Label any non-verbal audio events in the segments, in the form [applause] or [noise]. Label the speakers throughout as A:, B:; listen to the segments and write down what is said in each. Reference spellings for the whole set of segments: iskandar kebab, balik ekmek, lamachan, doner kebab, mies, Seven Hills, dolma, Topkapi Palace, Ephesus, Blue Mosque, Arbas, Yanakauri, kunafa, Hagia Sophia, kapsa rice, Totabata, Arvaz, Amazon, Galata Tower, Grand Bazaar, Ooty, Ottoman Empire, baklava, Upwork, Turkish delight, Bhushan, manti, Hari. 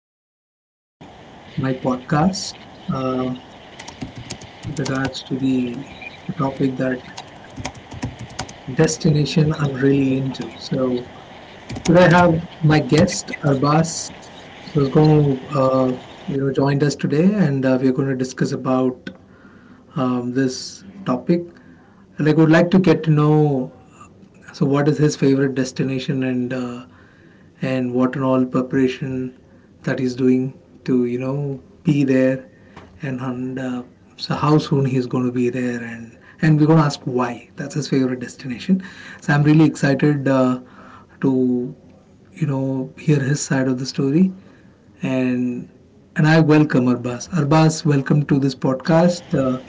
A: Welcome to my podcast uh, with regards to the topic that destination I'm really into. So today I have my guest Arbas. So he's going to joined us today, and we're going to discuss about this topic. Like, would like to get to know so what is his favorite destination and what and all preparation that he's doing to be there, and so how soon he's going to be there and we're going to ask why that's his favorite destination. So I'm really excited to hear his side of the story and and I welcome Arbaz. Arbaz, welcome to this podcast.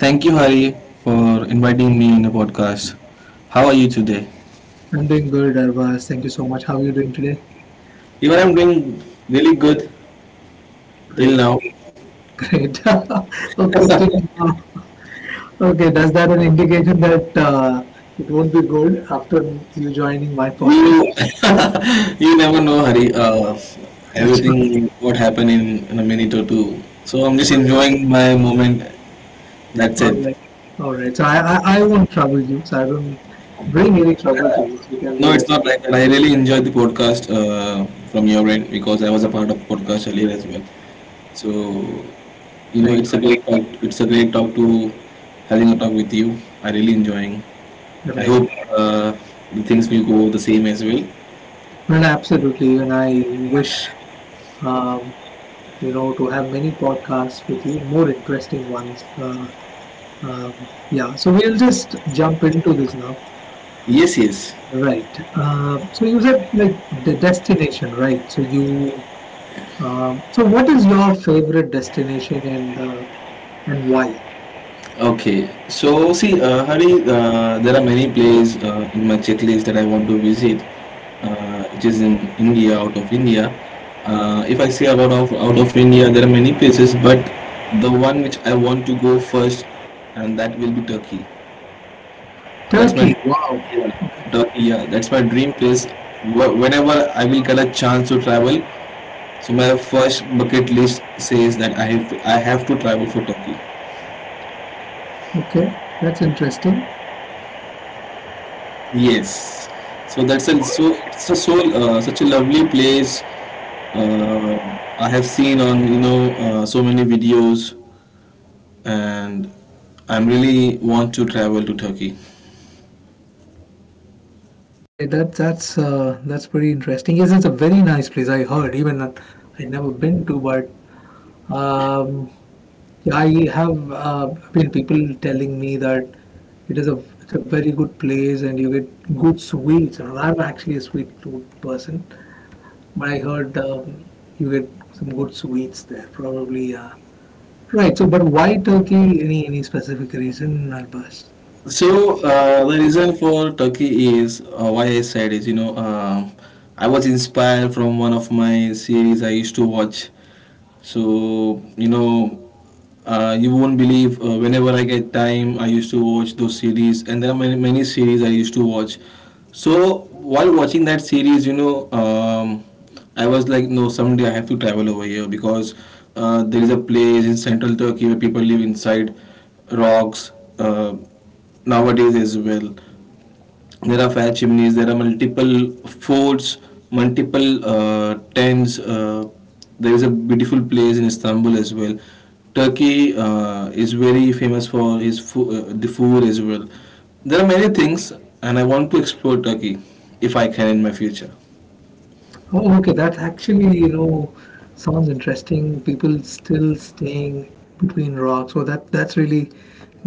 B: Thank you, Hari, for inviting me on the podcast. How are you today?
A: I'm doing good, Arvaz. Thank you so much. How are you doing today?
B: Even I'm doing really good till
A: Great,
B: now.
A: great. [laughs] Okay, till now. Okay, does that an indication that it won't be good after you joining my podcast?
B: You, [laughs] you never know, Hari.
A: [laughs] Achha, okay.
B: Everything what happened in a minute or two. So I'm just
A: All right,
B: enjoying my moment. That's
A: all
B: it.
A: right. All right. So I won't trouble you. So I don't bring any trouble to you. You can be
B: No, it's
A: rest.
B: not like that. I really enjoyed the podcast from your end because I was a part of podcast earlier as well. So you know,
A: Right,
B: it's a
A: right,
B: great talk. It's a great talk to having a talk with you. I really enjoying. I
A: right.
B: hope the things will go the same as well.
A: Well, absolutely. And I wish, um, you know, to have many podcasts with you, more interesting ones. Yeah, so we'll just jump into this now.
B: Yes, yes.
A: Right. So you said like the destination, right? So you. So what is your favorite destination and why?
B: Okay. So see, Hari, there are many places in my checklist that I want to visit, which is in India, out of India. If I say about out of India, there are many places, but the one which I want to go first, and that will be Turkey. That's my
A: Turkey. Wow. Okay.
B: yeah, Turkey. Yeah, that's my dream place. Whenever I will get a chance to travel, so my first bucket list says that I have to travel for Turkey.
A: Okay. That's interesting.
B: Yes. So that's a so it's a so such a lovely place. Uh, I have seen on you know so many videos, and I'm really want to travel to Turkey.
A: All right. That that's pretty interesting. Yes, it's a very nice place. I heard. Never been to, but um, yeah, I have been people telling me that it's a very good place and you get good sweets. And I'm actually a sweet tooth person, but I heard you get some good sweets there. Probably, yeah. Right. So, but why Turkey? Any specific reason, Arbas?
B: So the reason for Turkey is why I said is you know I was inspired from one of my series I used to watch. So you know, you won't believe. Whenever I get time, I used to watch those series, and there are many series I used to watch. So while watching that series, you know, I was like, no, someday I have to travel over here because there is a place in central Turkey where people live inside rocks uh, nowadays as well. There are fire chimneys, there are multiple forts, multiple tents. There is a beautiful place in Istanbul as well. Turkey is very famous for his the food as well. There are many things, and I want to explore Turkey if I can in my future.
A: Oh, okay, that actually, sounds interesting. People still staying between rocks, so that's really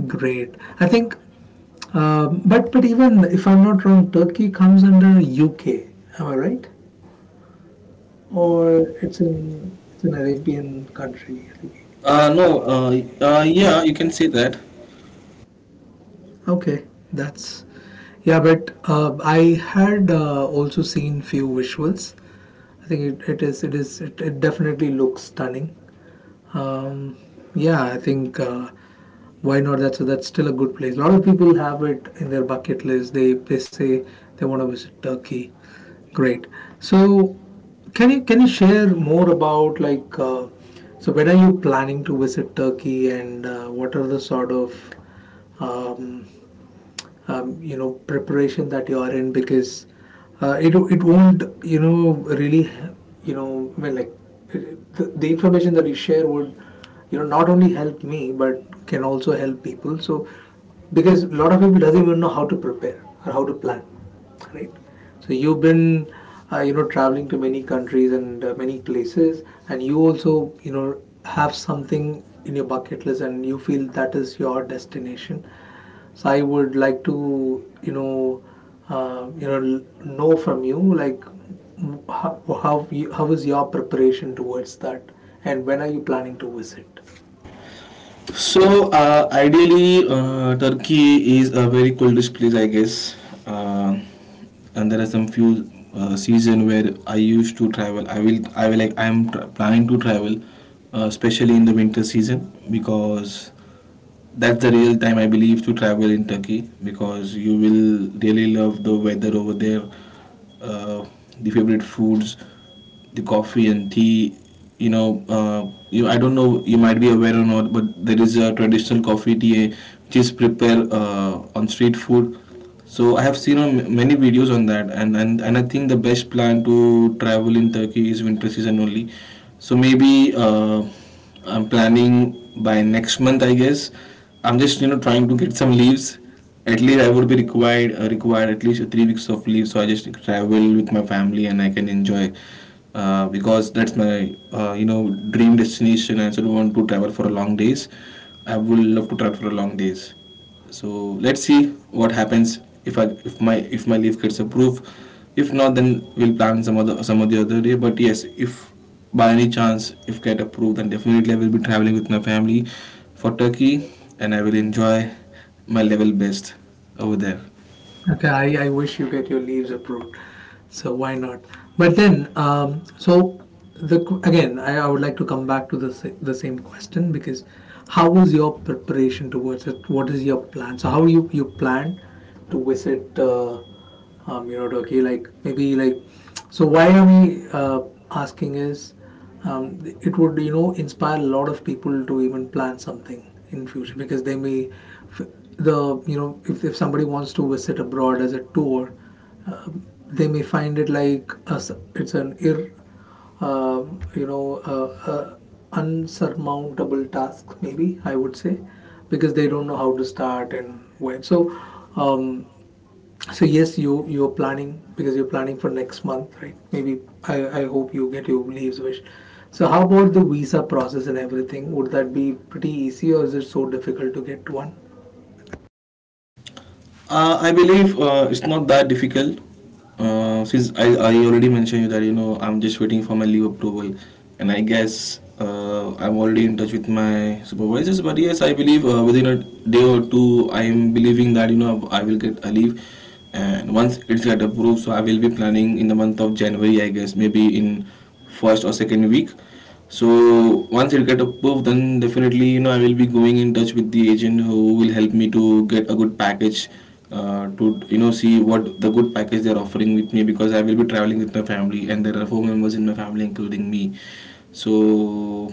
A: great. I think, but even if I'm not wrong, Turkey comes under UK. Am I right? Or it's an Arabian country. I think.
B: No yeah, you can say that.
A: Okay, that's yeah. But I had also seen few visuals. I think it definitely looks stunning. Um, yeah, I think why not? That's still a good place. A lot of people have it in their bucket list. They say they want to visit Turkey. Great. So, can you share more about like so when are you planning to visit Turkey and what are the sort of um, you know preparation that you are in because it won't you know really you know well like the information that you share would you know not only help me but can also help people, so because a lot of people doesn't even know how to prepare or how to plan, right? So you've been, you know, traveling to many countries and many places, and you also, you know, have something in your bucket list, and you feel that is your destination. So I would like to, you know, know from you like how is your preparation towards that, and when are you planning to visit?
B: So ideally, Turkey is a very coldest place, I guess. Uh, and there are some few season where I used to travel. I will like, I am planning to travel, especially in the winter season because that's the real time I believe to travel in Turkey because you will really love the weather over there, uh, the favorite foods, the coffee and tea. You know, you I don't know you might be aware or not, but there is a traditional coffee tea which is prepared on street food. So I have seen on many videos on that, and I think the best plan to travel in Turkey is winter season only. So maybe I'm planning by next month, I guess. I'm just you know trying to get some leaves. At least I would be required at least 3 weeks of leave, so I just travel with my family and I can enjoy. Because that's my you know dream destination. I also don't want to travel for a long days. I would love to travel for a long days, so let's see what happens if I if my leave gets approved. If not, then we'll plan some of the other day. But yes, if by any chance if get approved, then definitely I will be traveling with my family for Turkey, and I will enjoy my level best over there.
A: Okay, I wish you get your leaves approved. So why not? But then, so again, I would like to come back to the the same question because how was your preparation towards it? What is your plan? So how you you plan to visit you know, Turkey. Like maybe like, so why am I asking is, it would you know inspire a lot of people to even plan something in future because they may, f- the you know if somebody wants to visit abroad as a tour, uh, they may find it like a, it's an ir, uh, you know, unsurmountable task maybe I would say, because they don't know how to start and when. So. Um, so yes, you you're planning because you're planning for next month, right? Maybe I hope you get your leaves wish. So how about the visa process and everything? Would that be pretty easy or is it so difficult to get one?
B: I believe it's not that difficult. Since I already mentioned you that you know I'm just waiting for my leave approval, and I guess I'm already in touch with my supervisors. But yes, I believe within a day or two, I'm believing that you know I will get a leave, and once it's get approved, so I will be planning in the month of January, I guess, maybe in first or second week. So once it get approved, then definitely you know I will be going in touch with the agent who will help me to get a good package to you know see what the good package they're offering with me because I will be traveling with my family and there are four members in my family including me. So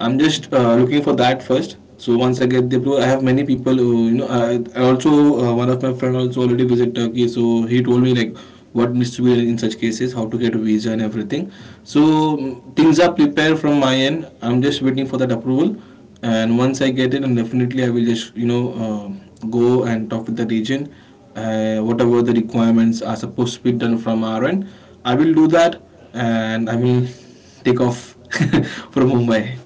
B: I'm just looking for that first. So once I get the approval, I have many people who you know I also one of my friend also already visit Turkey, so he told me like what needs to be done in such cases, how to get a visa and everything. So things are prepared from my end. I'm just waiting for that approval, and once I get it and definitely I will just you know go and talk with that agent whatever the requirements are supposed to be done from our end. I will do that, and I will take off [laughs] from Mumbai.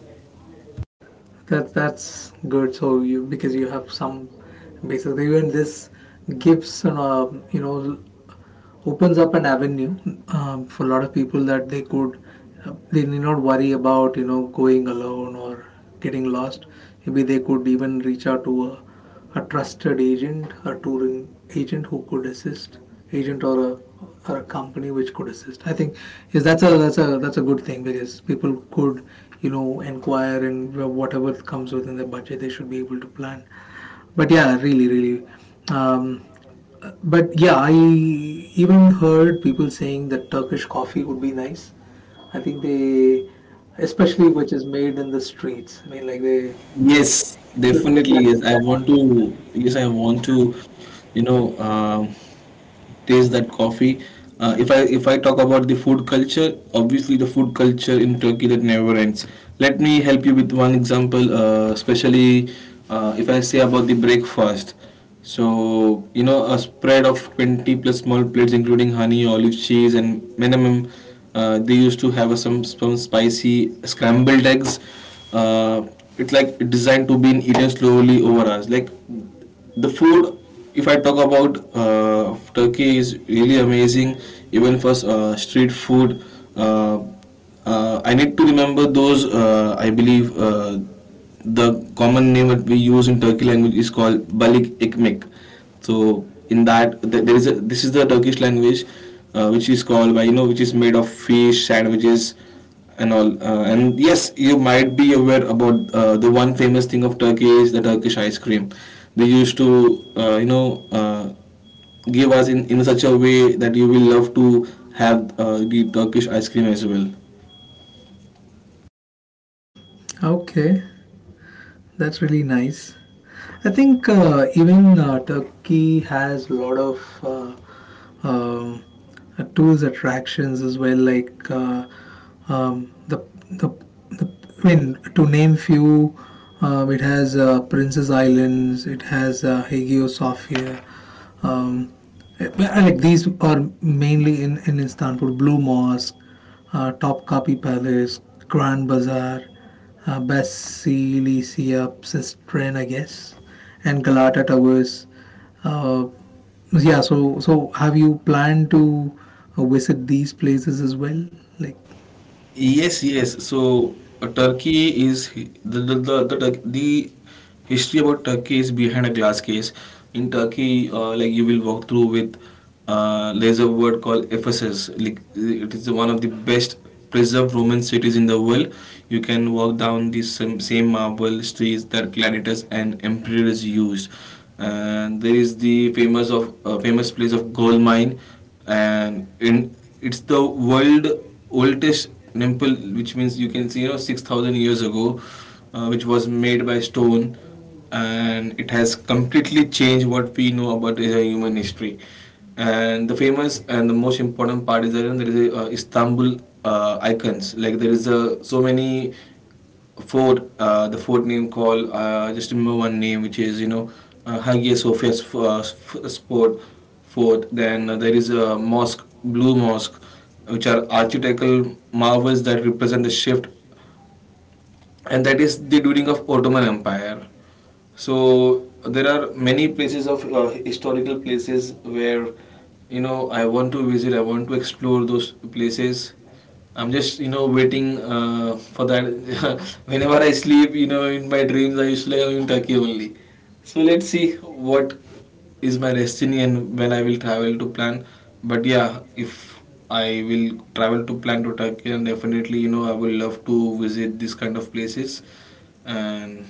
A: That's good. So you because you have some basic even this Gibson, you know, opens up an avenue for a lot of people that they could they need not worry about you know going alone or getting lost, maybe they could even reach out to a trusted agent, a touring agent who could assist, agent or a company which could assist. I think yes, that's a that's a that's a good thing because people could you know inquire and whatever comes within their budget they should be able to plan, but yeah really really um, but yeah, I even heard people saying that Turkish coffee would be nice. I think they, especially which is made in the streets. I mean, like they make it
B: Yes,
A: good with that
B: definitely yes. I want
A: sand.
B: to. Yes, I want to. You know, taste that coffee. If I if I talk about the food culture, obviously the food culture in Turkey that never ends. Let me help you with one example, especially if I say about the breakfast. So you know a spread of 20 plus small plates, including honey, olive, cheese, and minimum. They used to have a, some spicy scrambled eggs. Uh, it's like designed to be eaten slowly over hours. Like the food, if I talk about Turkey is really amazing, even for street food. uh, I need to remember those. I believe the common name that we use in Turkey language is called balik ekmek. So in that there is a, this is the Turkish language, which is called by you know, which is made of fish sandwiches and all. And yes, you might be aware about the one famous thing of Turkey is the Turkish ice cream. They used to, you know, give us in such a way that you will love to have the Turkish ice cream as well.
A: Okay, that's really nice. I think even Turkey has a lot of uh, um, tourist attractions as well, like um, the, the the I mean to name few. It has Princess Islands. It has Hagia Sophia. Um, like these are mainly in Istanbul. Blue Mosque, Topkapi Palace, Grand Bazaar, Basileisiopsis strain, I guess, and Galata Towers. Uh, yeah, so so have you planned to visit these places as well? Like
B: Yes, yes. So Turkey is the the history about Turkey is behind a glass case. In Turkey, like you will walk through with there's a word called Ephesus. Like it is one of the best preserved Roman cities in the world. You can walk down the same marble streets that gladiators and emperors used. And there is the famous of famous place of gold mine, and in it's the world oldest temple, which means you can see you know 6,000 years ago, which was made by stone, and it has completely changed what we know about is a human history. And the famous and the most important part is that you know, there is a, Istanbul icons. Like there is a, so many Ford, the Ford name call, just remember one name, which is, you know, Hagia Sophia's Sport Fort. Then there is a mosque, Blue Mosque, which are architectural marvels that represent the shift, and that is the during of Ottoman Empire. So there are many places of historical places where, you know, I want to visit, I want to explore those places. I'm just, you know, waiting for that. [laughs] Whenever I sleep, you know, in my dreams, I usually am in Turkey only. So let's see what is my destiny and when I will travel to plan. But yeah, if I will travel to plan to Turkey, and definitely, you know, I will love to visit this kind of places, and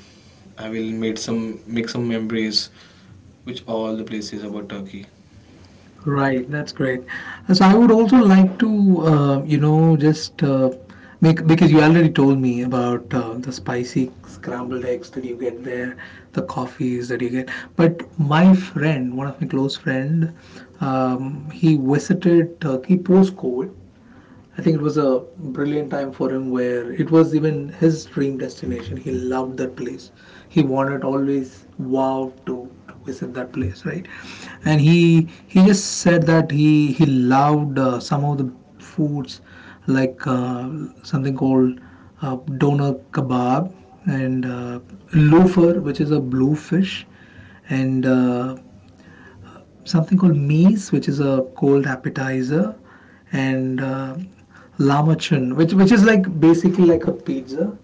B: I will make some memories, which all the places about Turkey.
A: right, that's great. So I would also like to, you know, just make because you already told me about the spicy scrambled eggs that you get there, the coffees that you get. But my friend, one of my close friend, he visited Turkey post COVID, I think it was a brilliant time for him where it was even his dream destination. He loved that place. He wanted always wow to visit that place, right? And he just said that he loved some of the foods like something called doner kebab and loafer, which is a blue fish, and something called mies, which is a cold appetizer, and lama which is like basically like a pizza,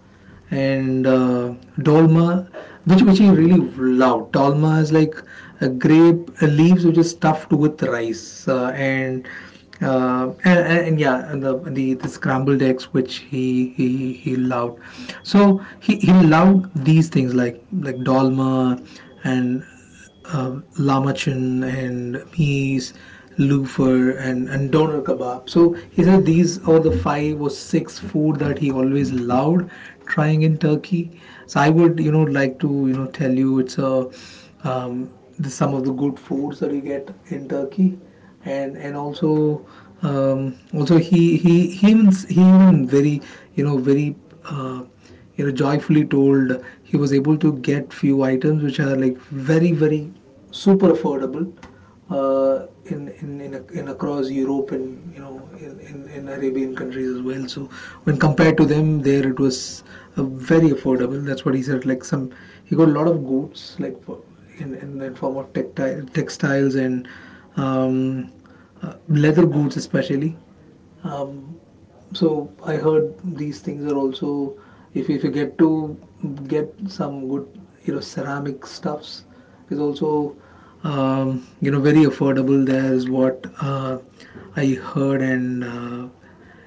A: and dolma, which he really loved. Dolma is like a grape leaves which is stuffed with rice, and yeah, and the scrambled eggs which he loved. So he loved these things like dolma and um, lamachan and mies, loofah, and doner kebab. So he said these are the five or six food that he always loved trying in Turkey. So I would, you know, like to, you know, tell you it's a um, some of the good foods that you get in Turkey, and also also he even very uh, you know joyfully told he was able to get few items which are like very very super affordable uh, in, in across Europe and you know in Arabian countries as well, so when compared to them there it was very affordable, that's what he said, like some he got a lot of goods like for, in the form of textile, textiles and um, leather goods especially. um, so I heard these things are also if you get to get some good you know ceramic stuffs is also you know very affordable. There is what I heard. And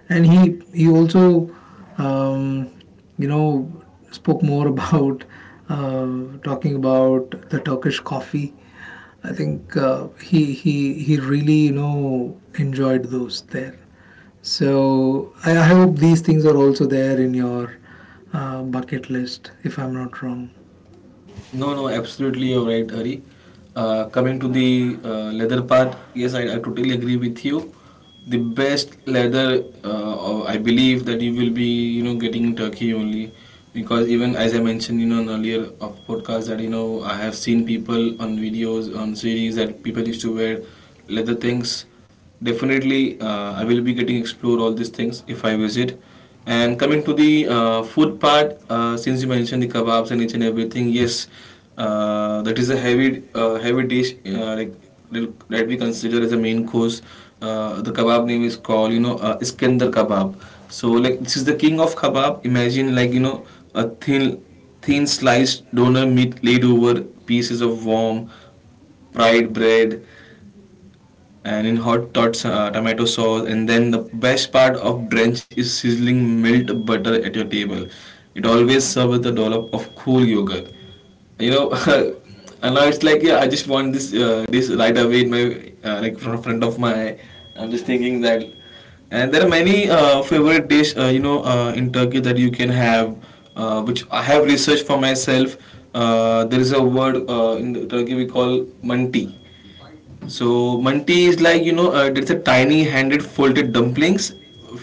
A: and he also um, you know spoke more [laughs] about talking about the Turkish coffee. I think he really you know enjoyed those there. So I hope these things are also there in your bucket list, if I'm not wrong.
B: No, no, absolutely you're right, Hari. Coming to the leather part, yes, I totally agree with you. The best leather, or I believe that you will be, getting in Turkey only, because even as I mentioned, in earlier of podcast that I have seen people on videos on series that people used to wear leather things definitely. I will be getting explore all these things if I visit. And coming to the food part, since you mentioned the kebabs and each and everything, yes, that is a heavy heavy dish, like that we consider as a main course. The kebab name is called, iskandar kebab. So like this is the king of kebab. Imagine, a thin thin sliced donor meat laid over pieces of warm fried bread, and in hot tots tomato sauce, and then the best part of drench is sizzling milled butter at your table. It always serves with a dollop of cool yogurt, you know. [laughs] And now it's like, yeah, I just want this this right away in my like from front of my. I'm just thinking that. And there are many favorite dish, in Turkey that you can have, which I have researched for myself. There is a word, in Turkey we call manti. So manti is it's a tiny handed folded dumplings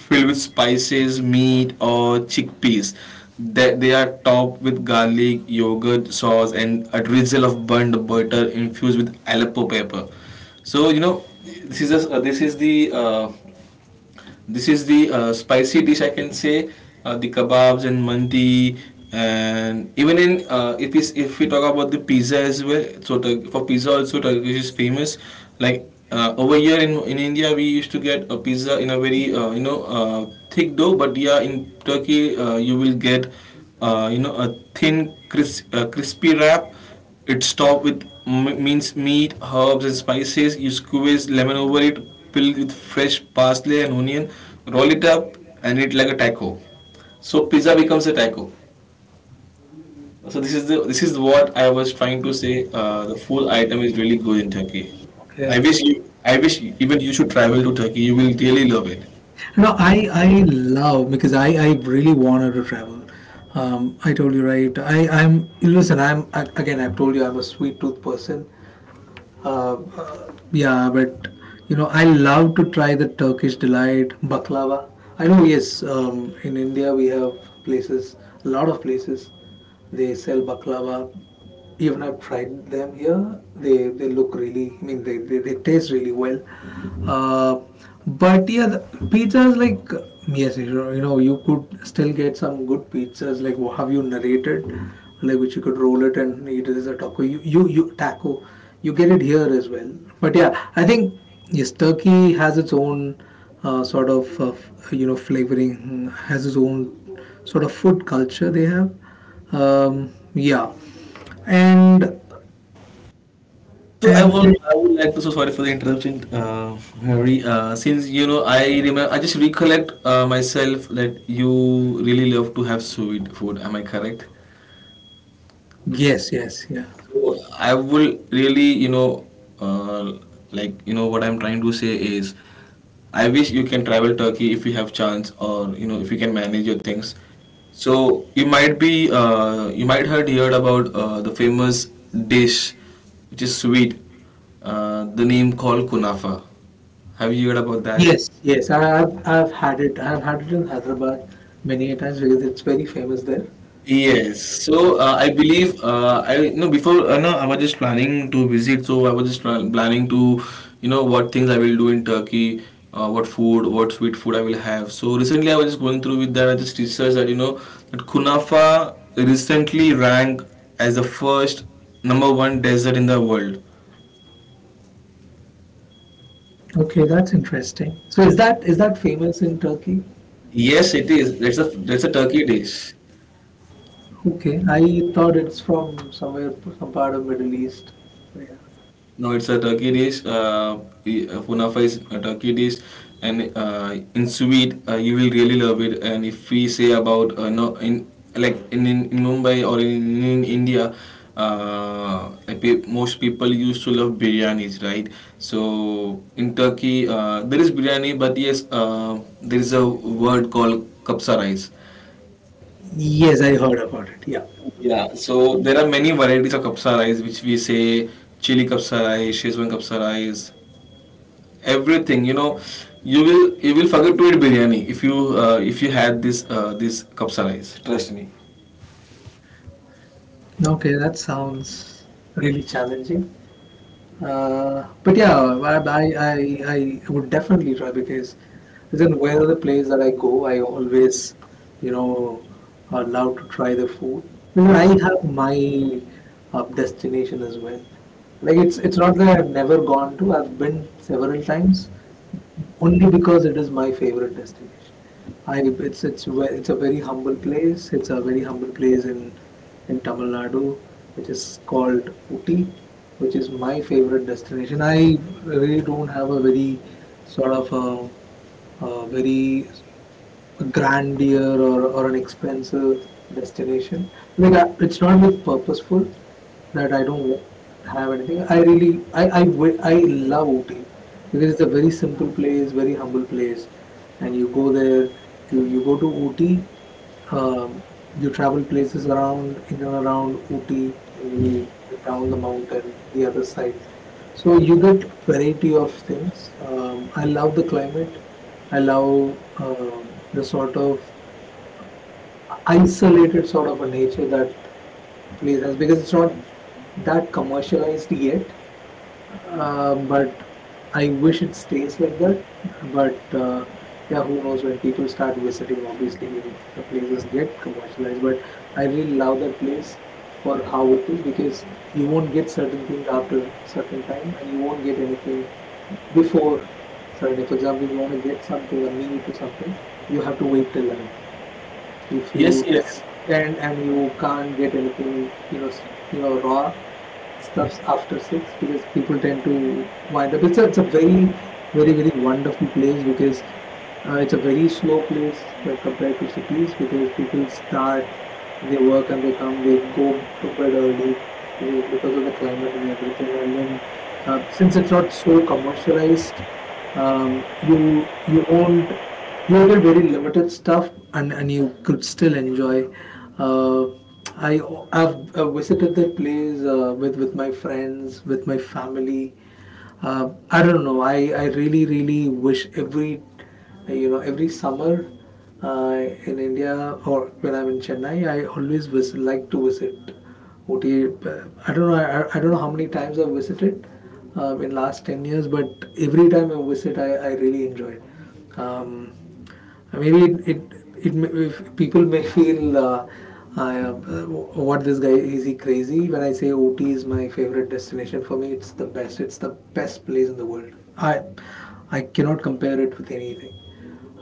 B: filled with spices, meat or chickpeas. They are topped with garlic, yogurt, sauce and a drizzle of burnt butter infused with Aleppo pepper. So you know this is a, this is the spicy dish I can say. The kebabs and mandi, and even in, if we talk about the pizza as well. So for pizza also Turkish is famous. Like, over here in India we used to get a pizza in a very thick dough, but yeah, in Turkey you will get a thin crisp, crispy wrap. It's topped with minced meat, herbs, and spices. You squeeze lemon over it, fill with fresh parsley and onion, roll it up, and eat like a taco. So pizza becomes a taco. So this is the this is what I was trying to say. The full item is really good in Turkey. I
A: Okay.
B: wish you, I wish even you should travel to Turkey. You will really love it.
A: No, I love because I really wanted to travel. I told you right. I I'm listen. I'm again. I've told you I'm a sweet tooth person. Yeah, but you know I love to try the Turkish delight baklava. I know yes. In India we have places, a lot of places. They sell baklava, even I've tried them here. They look really. I mean, they taste really well. Uh, but yeah, the pizzas like yes, you know, you could still get some good pizzas like have you narrated, like which you could roll it and eat it as a taco. You taco, you get it here as well. But yeah, I think yes, Turkey has its own sort of you know flavoring, has its own sort of food culture they have. Yeah and
B: So I will,
A: and
B: I would like to. So sorry for the interruption, Harry. Since you know, I remember, I just recollect myself that you really love to have sweet food. Am I correct?
A: Yes, yes, yeah.
B: So I will really, you know, uh, like you know what I'm trying to say is, I wish you can travel Turkey if you have chance, or you know if you can manage your things. So you might be, you might have heard about the famous dish, which is sweet. The name called kunafa. Have you heard about that?
A: Yes, yes, I've had it. I've had it in Hyderabad many a times because it's very famous there.
B: Yes, so I believe I, no, before, no, I was just planning to visit, so I was just planning to, you know, what things I will do in Turkey, what food, what sweet food I will have. So recently I was just going through with that. I just researched that you know that Kunafa recently ranked as the first number one desert in the world.
A: Okay, that's interesting. So is that famous in Turkey?
B: Yes, it is. That's a, that's a Turkey dish.
A: Okay, I thought it's from somewhere, some part of Middle East, yeah.
B: No, it's a turkey dish. Kunafa is a turkey dish, and in Swede, you will really love it. And if we say about, no, in like in Mumbai or in India, uh, most people used to love biryanis, right? So in Turkey, there is biryani, but yes, there is a word called kapsa rice.
A: Yes, I heard about it, yeah.
B: Yeah, so there are many varieties of kapsa rice, which we say chili kapsa rice, Shezwan kapsa rice, everything you know. You will forget to eat biryani if you, if you had this this kapsa rice, trust me.
A: Okay, that sounds really challenging. But yeah, I would definitely try because as in where the place that I go, I always, you know, are allowed to try the food. Because I have my destination as well. Like it's not that I've never gone to. I've been several times, only because it is my favorite destination. I it's ve- it's a very humble place. It's a very humble place in Tamil Nadu, which is called Uti, which is my favorite destination. I really don't have a very sort of a very grandeur, or an expensive destination. Like I, it's not like purposeful that I don't have anything. I really I, wi- I love Ooty because it's a very simple place, very humble place, and you go there. You go to Ooty, um, you travel places around in and around Ooty, maybe down the mountain, the other side. So you get variety of things. I love the climate. I love, the sort of isolated sort of a nature that place has, because it's not that commercialized yet, but I wish it stays like that. But yeah, who knows when people start visiting? Obviously, the places get commercialized. But I really love that place for how it is, because you won't get certain things after certain time, and you won't get anything before certain. For example, if you want to get something, a meat or something, you have to wait till 11 if
B: Yes,
A: you
B: yes,
A: end, and you can't get anything, you know, raw stuffs after six, because people tend to wind up. It's a very, very wonderful place, because it's a very slow place when compared to cities, because people start, they work, and they go to bed early, because of the climate and everything. And then since it's not so commercialized, you won't, you did very limited stuff, and you could still enjoy. Uh, I, I've visited that place, with my friends, with my family. I don't know. I really, really wish every, you know, every summer uh, in India, or when I'm in Chennai, I always visit, like to visit OTA. I don't know. I don't know how many times I've visited, in last 10 years, but every time I visit, I really enjoy it. Maybe if people may feel, uh, what, this guy, is he crazy? When I say OT is my favorite destination, for me, it's the best. It's the best place in the world. I cannot compare it with anything.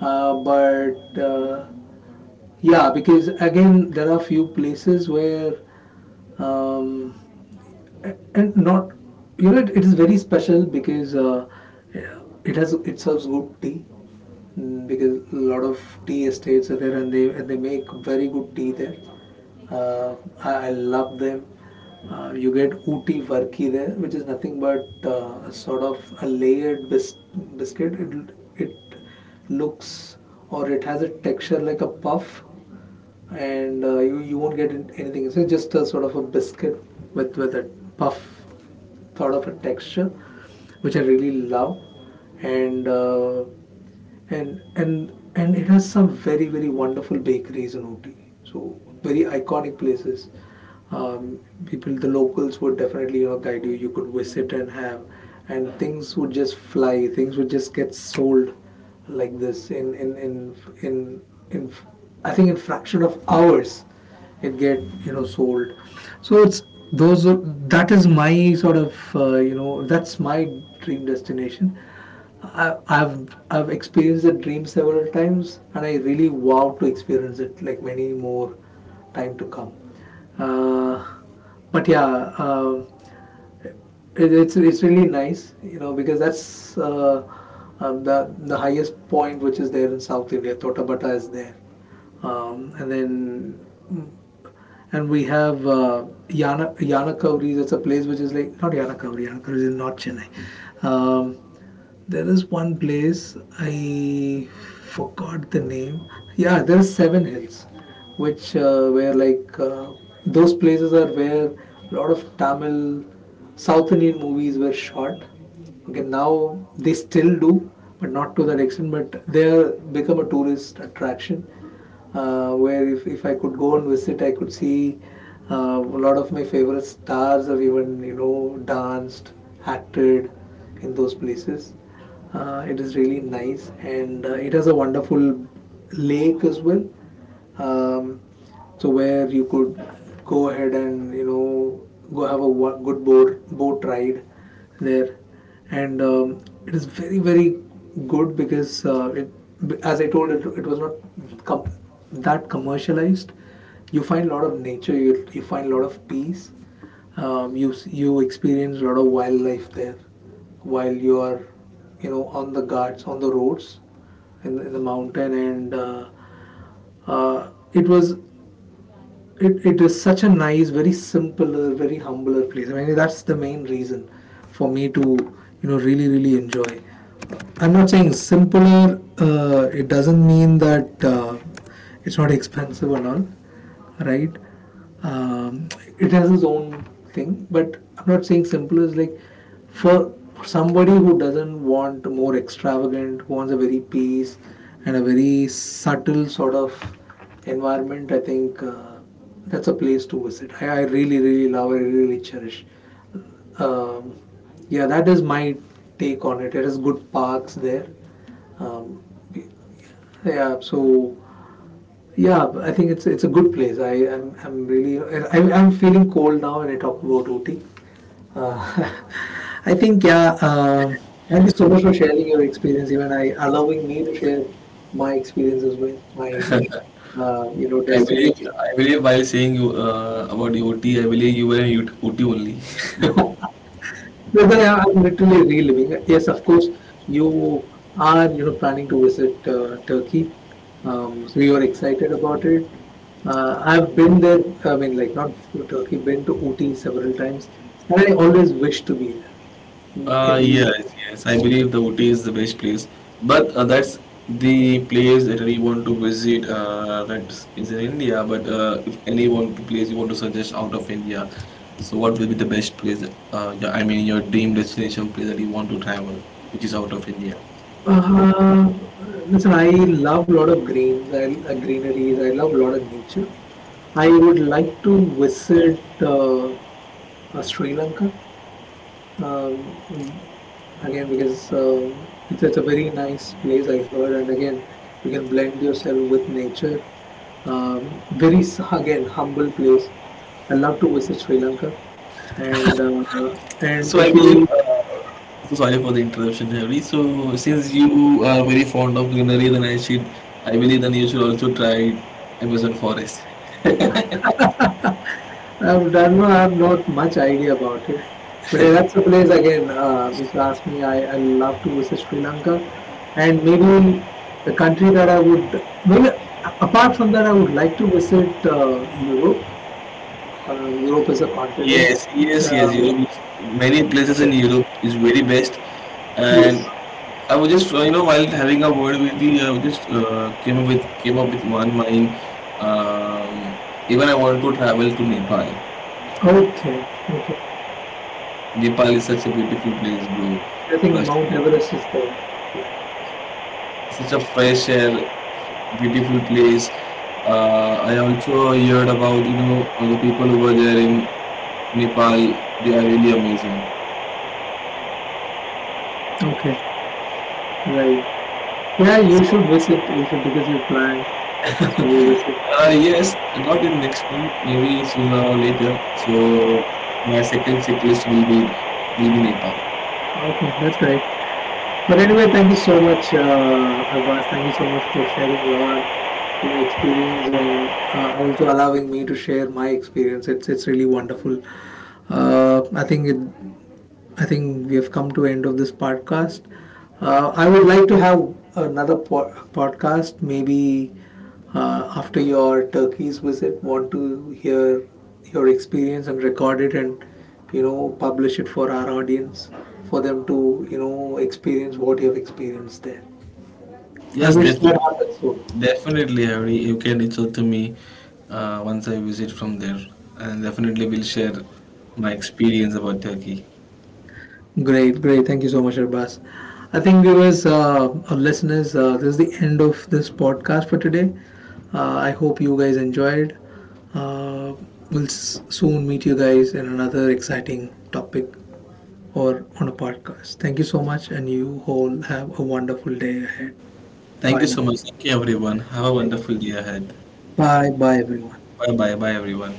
A: But yeah, because again there are few places where, um, and not, you know, it is very special, because it has, it serves good tea. Mm, because a lot of tea estates are there, and they make very good tea there. I love them. You get Ooty varki there, which is nothing but a sort of a layered biscuit. It looks, or it has a texture like a puff, and you won't get anything. So it's just a sort of a biscuit with a puff sort of a texture, which I really love, and uh, and it has some very wonderful bakeries in Ooty. So very iconic places. Um, people, the locals would definitely, you know, guide you. You could visit and have, and things would just fly. Things would just get sold like this in, in, I think, in fraction of hours it get, you know, sold. So those are- that is my sort of, you know, that's my dream destination. I've experienced that dream several times, and I really wow to experience it like many more time to come. Uh, but yeah, it's really nice, you know, because that's, the highest point which is there in South India. Totabata is there, and then and we have Yanakauri. That's a place which is like not Yanakauri. Yanakauri is in North Chennai. There is one place I forgot the name. Yeah, there are is Seven Hills, which where like, those places are where a lot of Tamil, South Indian movies were shot. Okay, now they still do, but not to that extent. But they become a tourist attraction, where if I could go and visit, I could see a lot of my favorite stars have even, you know, danced, acted in those places. It is really nice, and it has a wonderful lake as well. Um, so where you could go ahead and, you know, go have a good boat ride there. And it is very good, because it, as I told, it was not com- that commercialized. You find a lot of nature, you find a lot of peace, you experience a lot of wildlife there while you are, you know, on the guards, on the roads, in the mountain. And it was, it is such a nice, very simpler, very humbler place. I mean, that's the main reason for me to, you know, really, really enjoy. I'm not saying simpler, it doesn't mean that it's not expensive and all, right? Um, it has its own thing, but I'm not saying simpler is like for somebody who doesn't want more extravagant, who wants a very peace and a very subtle sort of environment. I think that's a place to visit. I really, really love. I really cherish. Um, yeah, that is my take on it. There is good parks there. Um, yeah, so yeah, I think it's a good place. I'm really, I'm feeling cold now when I talk about Ooty. Uh, [laughs] I think yeah. Thank you so much for sharing your experience, even I allowing me to share my experience as well. My, you know,
B: I
A: destination.
B: believe, I believe while saying you about Uti, I believe you were in UT only.
A: [laughs] Brother, am literally reliving it. Yes, of course, you are, you know, planning to visit Turkey. So you are excited about it. I've been there. I mean, like, not to Turkey, been to Ooty several times, and I always wish to be there. Every,
B: Yes, yes. I believe the Ooty is the best place, but that's the place that we want to visit. That is in India. But if any one place you want to suggest out of India, so what will be the best place? Yeah, I mean, your dream destination place that you want to travel, which is out of India.
A: uh, listen, I love a lot of greens. I greeneries. I love a lot of nature. I would like to visit, Sri Lanka. Um, again, because, um, it's a very nice place I heard, and again you can blend yourself with nature. um, Again humble place. I love to visit Sri Lanka, and
B: So I
A: if
B: believe.
A: you,
B: So sorry for the interruption, Harry. So since you are very fond of greenery, then I should, I believe, then you should also try Amazon forest.
A: I would, I don't know, I have not much idea about it, but yeah, that's a place again. If you ask me, I love to visit Sri Lanka, and maybe a country that I would, maybe apart from that, I would like to visit, Europe, Europe as a continent.
B: Yes, yes, yes.
A: Um,
B: Europe, many places in
A: yeah.
B: Europe is very best, and
A: Yes.
B: I was just, you know, while having a word with the, I was just came up with, came up with one mind. Um, even I want to travel to Nepal.
A: Okay. Okay.
B: Nepal is such a beautiful place, bro.
A: I think
B: Trust,
A: Mount Everest is there. Yeah.
B: such a fresh air, beautiful place. I also heard about you know the people over there in Nepal. They are really amazing.
A: Okay. Right. Yeah, you should visit. You should, because you plan. So you visit.
B: Yes, not in next month, maybe sooner or later. So my second checklist will be, will be Nepal.
A: Okay, that's great. But anyway, thank you so much, Abbas. Thank you so much for sharing your, you know, experience, and also allowing me to share my experience. It's really wonderful. Uh, I think it, I think we have come to the end of this podcast. I would like to have another podcast, maybe after your Turkey's visit. Want to hear your experience and record it, and, you know, publish it for our audience, for them to, you know, experience what you have experienced there. I
B: Yes,
A: wish that happens soon.
B: definitely, Harry. You can reach out to me once I visit from there, and definitely will share my experience about Turkey.
A: Great, great. Thank you so much, Arbas. I think viewers, our listeners, this is the end of this podcast for today. I hope you guys enjoyed. Uh, we'll soon meet you guys in another exciting topic or on a podcast. Thank you so much, and you all have a wonderful day ahead.
B: Thank
A: Bye
B: you
A: now.
B: so much. Thank you, everyone. Have a
A: Thank you.
B: wonderful day ahead.
A: Bye, bye, everyone.
B: Bye bye, bye, everyone.